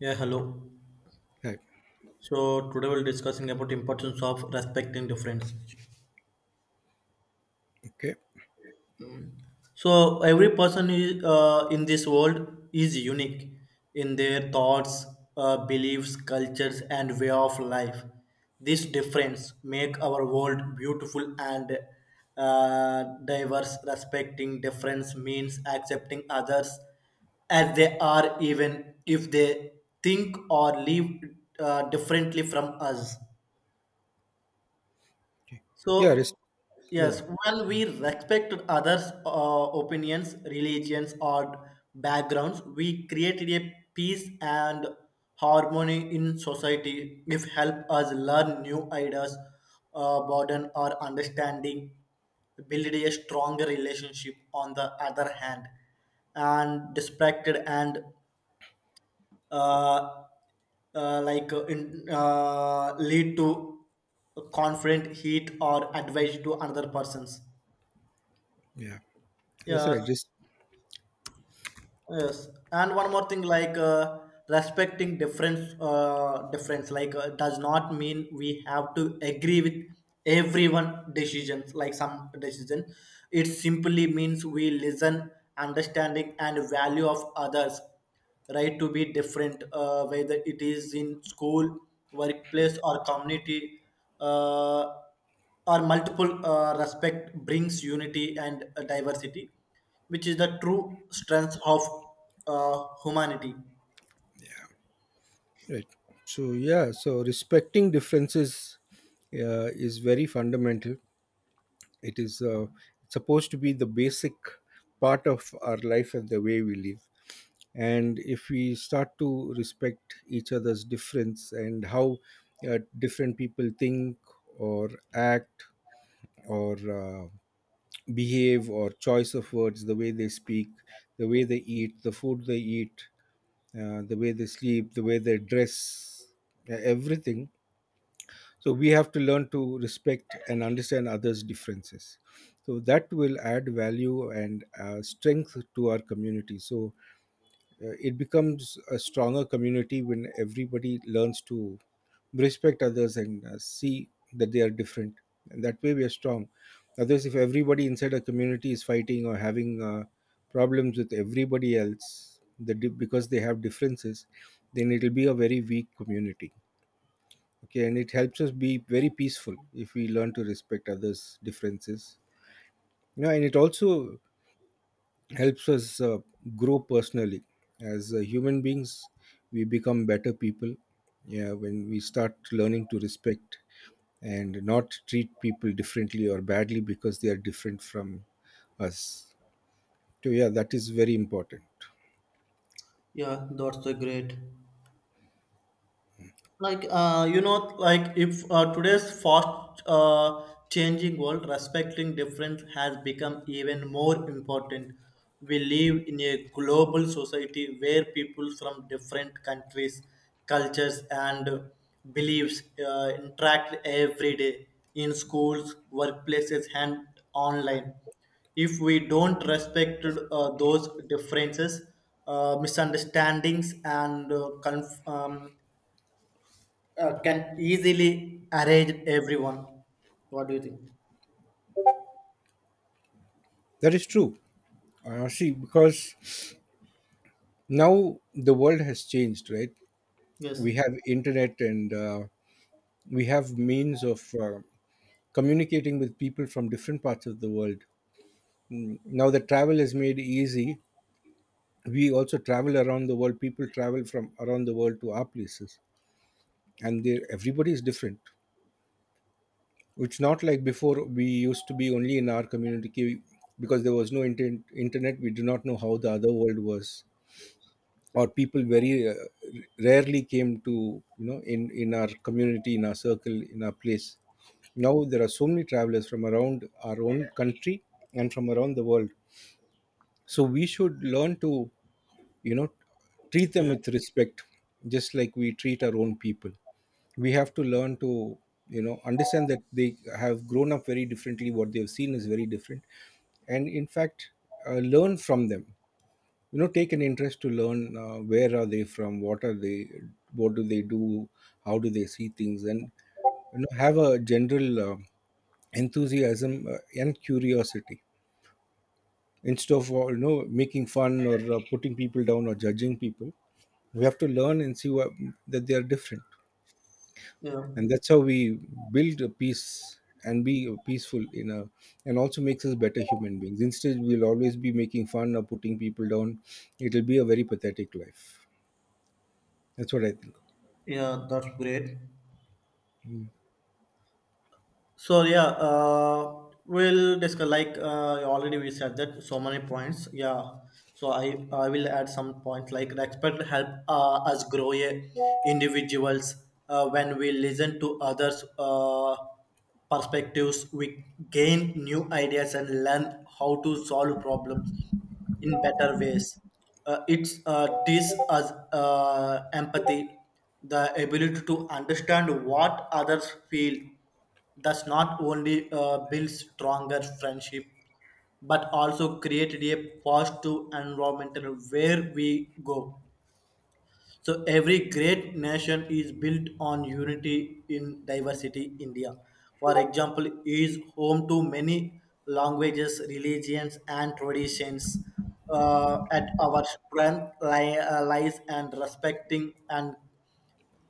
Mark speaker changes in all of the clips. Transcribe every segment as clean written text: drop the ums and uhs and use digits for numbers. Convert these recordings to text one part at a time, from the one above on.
Speaker 1: Yeah, hello.
Speaker 2: Hi.
Speaker 1: So today we'll discussing about importance of respecting difference.
Speaker 2: Okay.
Speaker 1: So every person is in this world is unique in their thoughts, beliefs, cultures, and way of life. This difference make our world beautiful and diverse. Respecting difference means accepting others as they are, even if they think or live differently from us.
Speaker 2: Okay. Yeah. Res-
Speaker 1: So,
Speaker 2: yeah.
Speaker 1: yes, while we
Speaker 2: Mm.
Speaker 1: respect others' opinions, religions, or backgrounds, we created a peace and harmony in society. If help us learn new ideas, broaden our understanding, build a stronger relationship. On the other hand, and distracted and uh, lead to confident heat or advice to another persons.
Speaker 2: Yeah. That's
Speaker 1: Yeah.
Speaker 2: right. Just.
Speaker 1: Yes, and one more thing, respecting difference, does not mean we have to agree with everyone decisions. Like some decision, it simply means we listen, understanding, and value of others. Right to be different, whether it is in school, workplace, or community. Uh, or multiple respect brings unity and diversity, which is the true strength of humanity.
Speaker 2: Right. So, yeah. So respecting differences is very fundamental. It is supposed to be the basic part of our life and the way we live. And if we start to respect each other's difference and how different people think or act or behave or choice of words, the way they speak, the way they eat, the food they eat, the way they sleep, the way they dress, everything. So we have to learn to respect and understand others' differences. So that will add value and strength to our community. So it becomes a stronger community when everybody learns to respect others and see that they are different, and that way we are strong others. If everybody inside a community is fighting or having problems with everybody else, because they have differences, then it will be a very weak community. Okay, and it helps us be very peaceful if we learn to respect others differences, and it also helps us grow personally as human beings. We become better people. Yeah, when we start learning to respect and not treat people differently or badly because they are different from us. So, yeah, that is very important.
Speaker 1: Yeah, that's a great. Like you know like if today's fast changing world, respecting difference has become even more important. We live in a global society where people from different countries, cultures, and beliefs interact every day in schools, workplaces, and online. If we don't respect those differences, misunderstandings, and can easily arrange everyone. What do you think?
Speaker 2: That is true. See, because now the world has changed, right?
Speaker 1: Yes.
Speaker 2: We have internet, and we have means of communicating with people from different parts of the world. Now that travel is made easy, we also travel around the world. People travel from around the world to our places, and everybody is different. It's not like before. We used to be only in our community because there was no internet. We do not know how the other world was, or people very rarely came to, in our community, in our circle, in our place. Now there are so many travelers from around our own country and from around the world. So we should learn to, you know treat them
Speaker 1: Yeah,
Speaker 2: with respect, just like we treat our own people. We have to learn to, understand that they have grown up very differently. What they have seen is very different. And in fact, learn from them. You know, take an interest to learn where are they from, what are they, what do they do, how do they see things. And you know, have a general enthusiasm and curiosity, instead of making fun or putting people down or judging people. We have to learn and see what, that they are different.
Speaker 1: yeah,
Speaker 2: And that's how we build a peace and be peaceful in a, and also makes us better human beings. Instead we'll always be making fun or putting people down. It'll be a very pathetic life. That's what I think.
Speaker 1: yeah. That's great.
Speaker 2: Mm.
Speaker 1: So yeah, we'll discuss already we said that so many points. Yeah, so I will add some points like respect help us grow a individuals when we listen to others. Perspectives we gain new ideas and learn how to solve problems in better ways. It teaches us empathy, the ability to understand what others feel, does not only build stronger friendship, but also created a positive environmental where we go. So every great nation is built on unity in diversity. India, for example, is home to many languages, religions, and traditions. At our strength lies and respecting and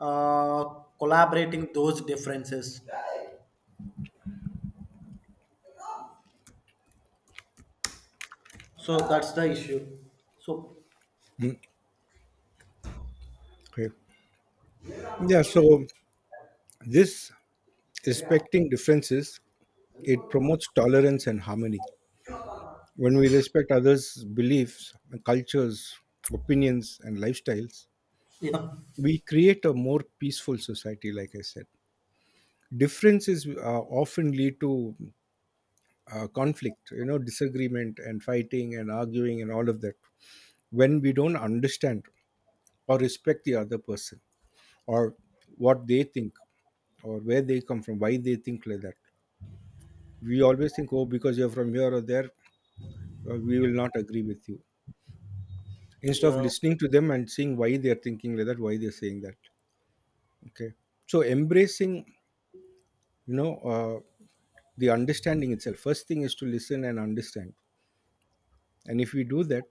Speaker 1: uh, collaborating those differences. So that's the issue. So
Speaker 2: Mm. Okay, yeah, so this, respecting differences, it promotes tolerance and harmony. When we respect others beliefs, cultures, opinions and lifestyles,
Speaker 1: yeah,
Speaker 2: we create a more peaceful society, like I said. Differences often lead to conflict, disagreement and fighting and arguing and all of that. When we don't understand or respect the other person, or what they think, or where they come from, why they think like that, we always think, oh, because you're from here or there, we will not agree with you. Instead of
Speaker 1: yeah,
Speaker 2: listening to them and seeing why they're thinking like that, why they're saying that. Okay, so embracing, you know uh, the understanding itself, first thing is to listen and understand. And if we do that,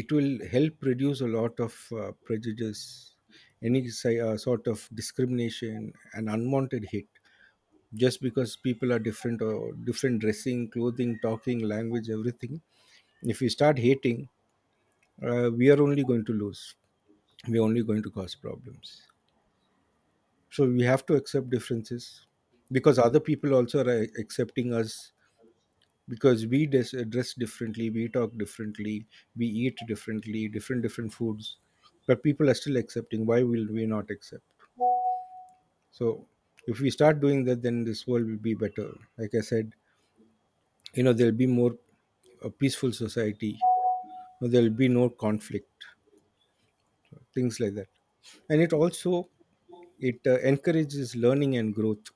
Speaker 2: it will help reduce a lot of prejudice, any sort of discrimination and unwanted hate. Just because people are different, or different dressing, clothing, talking, language, everything. If we start hating, we are only going to lose. We are only going to cause problems. So we have to accept differences, because other people also are accepting us. Because we dress differently, we talk differently, we eat differently, different different foods. But people are still accepting. Why will we not accept? So if we start doing that, then this world will be better, like I said. There'll be more a peaceful society, there'll be no conflict, things like that. And it also, it encourages learning and growth.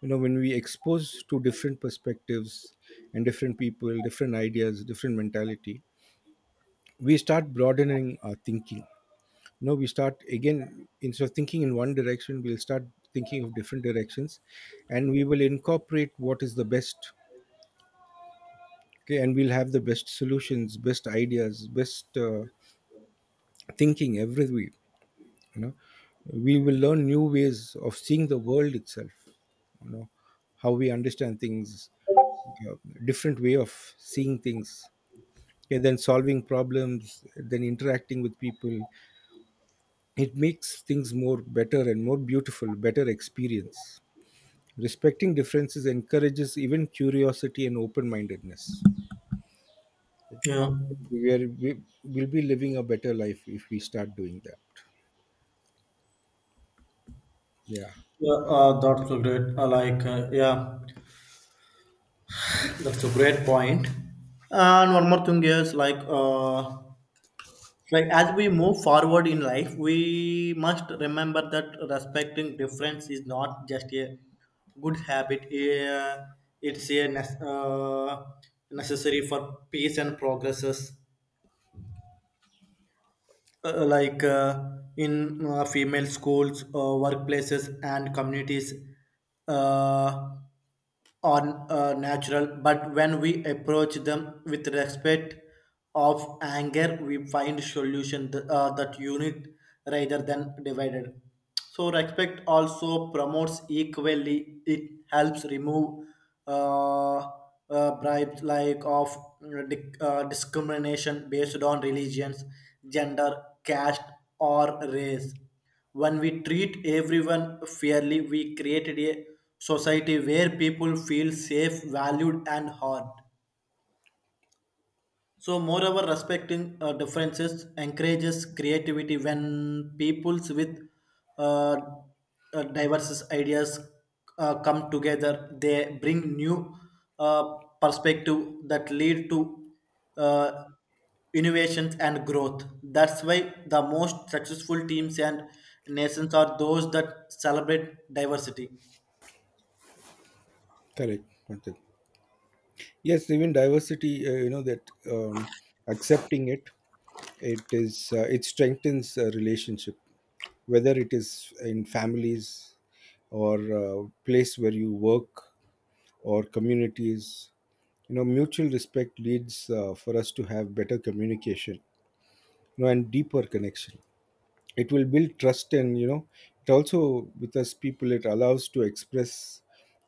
Speaker 2: When we expose to different perspectives, and different people, different ideas, different mentality, we start broadening our thinking. No, we start again. Instead of thinking in one direction, we'll start thinking of different directions, and we will incorporate what is the best. Okay, and we'll have the best solutions, best ideas, best thinking every week. you know we will learn new ways of seeing the world itself. you know how we understand things, uh, different way of seeing things. Okay, then solving problems, then interacting with people. It makes things more better and more beautiful, better experience. Respecting differences encourages even curiosity and open-mindedness.
Speaker 1: yeah,
Speaker 2: We will be living a better life if we start doing that. Yeah.
Speaker 1: yeah. That's a great. Yeah, that's a great point. And one more thing is like as we move forward in life, we must remember that respecting difference is not just a good habit. It's necessary for peace and progresses. uh, like uh, in female schools, workplaces, and communities. Uh, are natural, but when we approach them with respect of anger, we find solution that unit rather than divided. So respect also promotes equally. It helps remove uh, bribes like of discrimination based on religions, gender, caste, or race. When we treat everyone fairly, we create a society where people feel safe, valued, and heard. So, moreover, respecting differences encourages creativity when peoples with uh, diverse ideas come together. They bring new uh, perspective that lead to uh, innovations and growth. That's why the most successful teams and nations are those that celebrate diversity.
Speaker 2: Correct, Panthak. Yes, even diversity, you know that, accepting it is, it strengthens a relationship, whether it is in families, or uh, place where you work, or communities. Mutual respect leads for us to have better communication, and deeper connection. It will build trust. And it also with us people, it allows to express,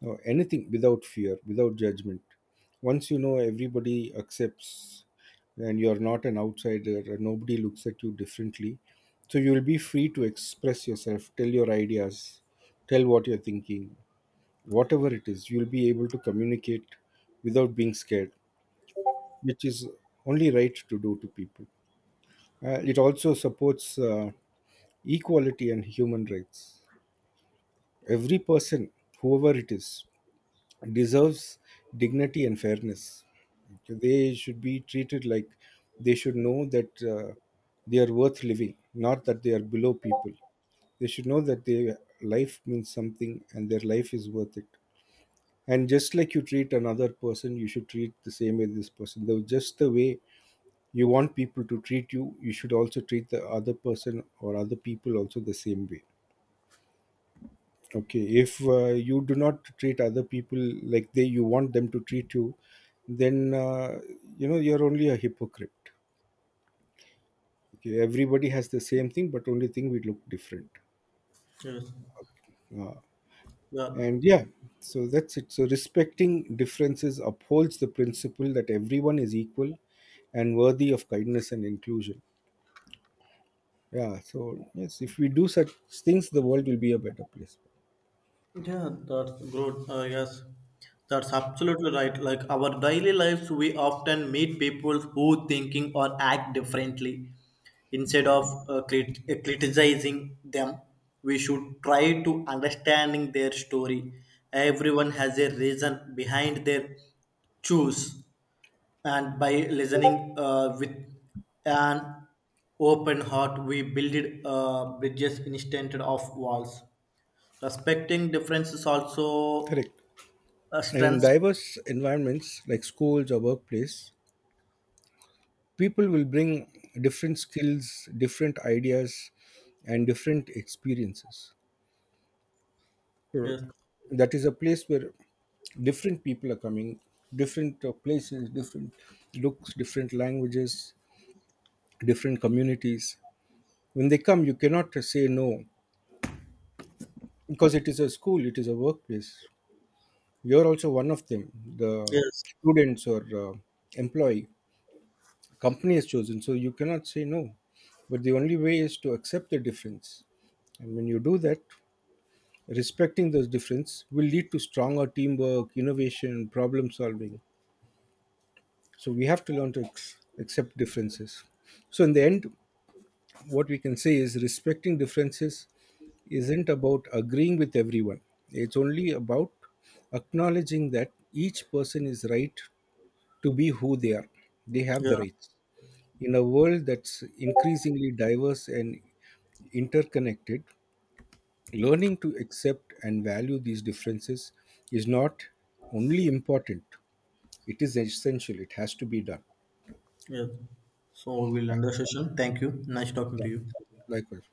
Speaker 2: anything without fear, without judgment. Once everybody accepts, and you're not an outsider, and nobody looks at you differently, so you'll be free to express yourself, tell your ideas, tell what you're thinking, whatever it is. You'll be able to communicate without being scared, which is only right to do to people. It also supports equality and human rights. Every person, whoever it is, deserves dignity and fairness. They should be treated like, they should know that they are worth living, not that they are below people. They should know that their life means something and their life is worth it. And just like you treat another person, you should treat the same way this person. Though just the way you want people to treat you, you should also treat the other person or other people also the same way. Okay, if you do not treat other people like, they you want them to treat you, then you're only a hypocrite. Okay, everybody has the same thing, but only thing we look different
Speaker 1: Yes.
Speaker 2: uh,
Speaker 1: Yeah.
Speaker 2: and yeah. So that's it. So respecting differences upholds the principle that everyone is equal and worthy of kindness and inclusion. Yeah, so yes, if we do such things, the world will be a better place.
Speaker 1: Yeah, that's good. Yes, that's absolutely right. Like our daily lives, we often meet people who thinking or act differently. Instead of criticizing them, we should try to understanding their story. Everyone has a reason behind their choose, and by listening with an open heart, we build bridges instead of walls. Respecting difference is also
Speaker 2: Correct.
Speaker 1: a
Speaker 2: In
Speaker 1: strength.
Speaker 2: diverse environments like schools or workplace, people will bring different skills, different ideas, and different experiences. So
Speaker 1: Yes.
Speaker 2: that is a place where different people are coming, different places, different looks, different languages, different communities. When they come, you cannot say no, because it is a school, it is a workplace. You're also one of them, the
Speaker 1: Yes.
Speaker 2: students or employee company has chosen. So you cannot say no. But the only way is to accept the difference. And when you do that, respecting those difference will lead to stronger teamwork, innovation, problem solving. So we have to learn to accept differences. So in the end, what we can say is respecting differences isn't about agreeing with everyone. It's only about acknowledging that each person is right to be who they are. They have
Speaker 1: Yeah.
Speaker 2: the rights. In a world that's increasingly diverse and interconnected, learning to accept and value these differences is not only important, it is essential. It has to be done.
Speaker 1: Yes. So we'll end the session. Thank you. Nice talking
Speaker 2: Yeah,
Speaker 1: to you.
Speaker 2: likewise.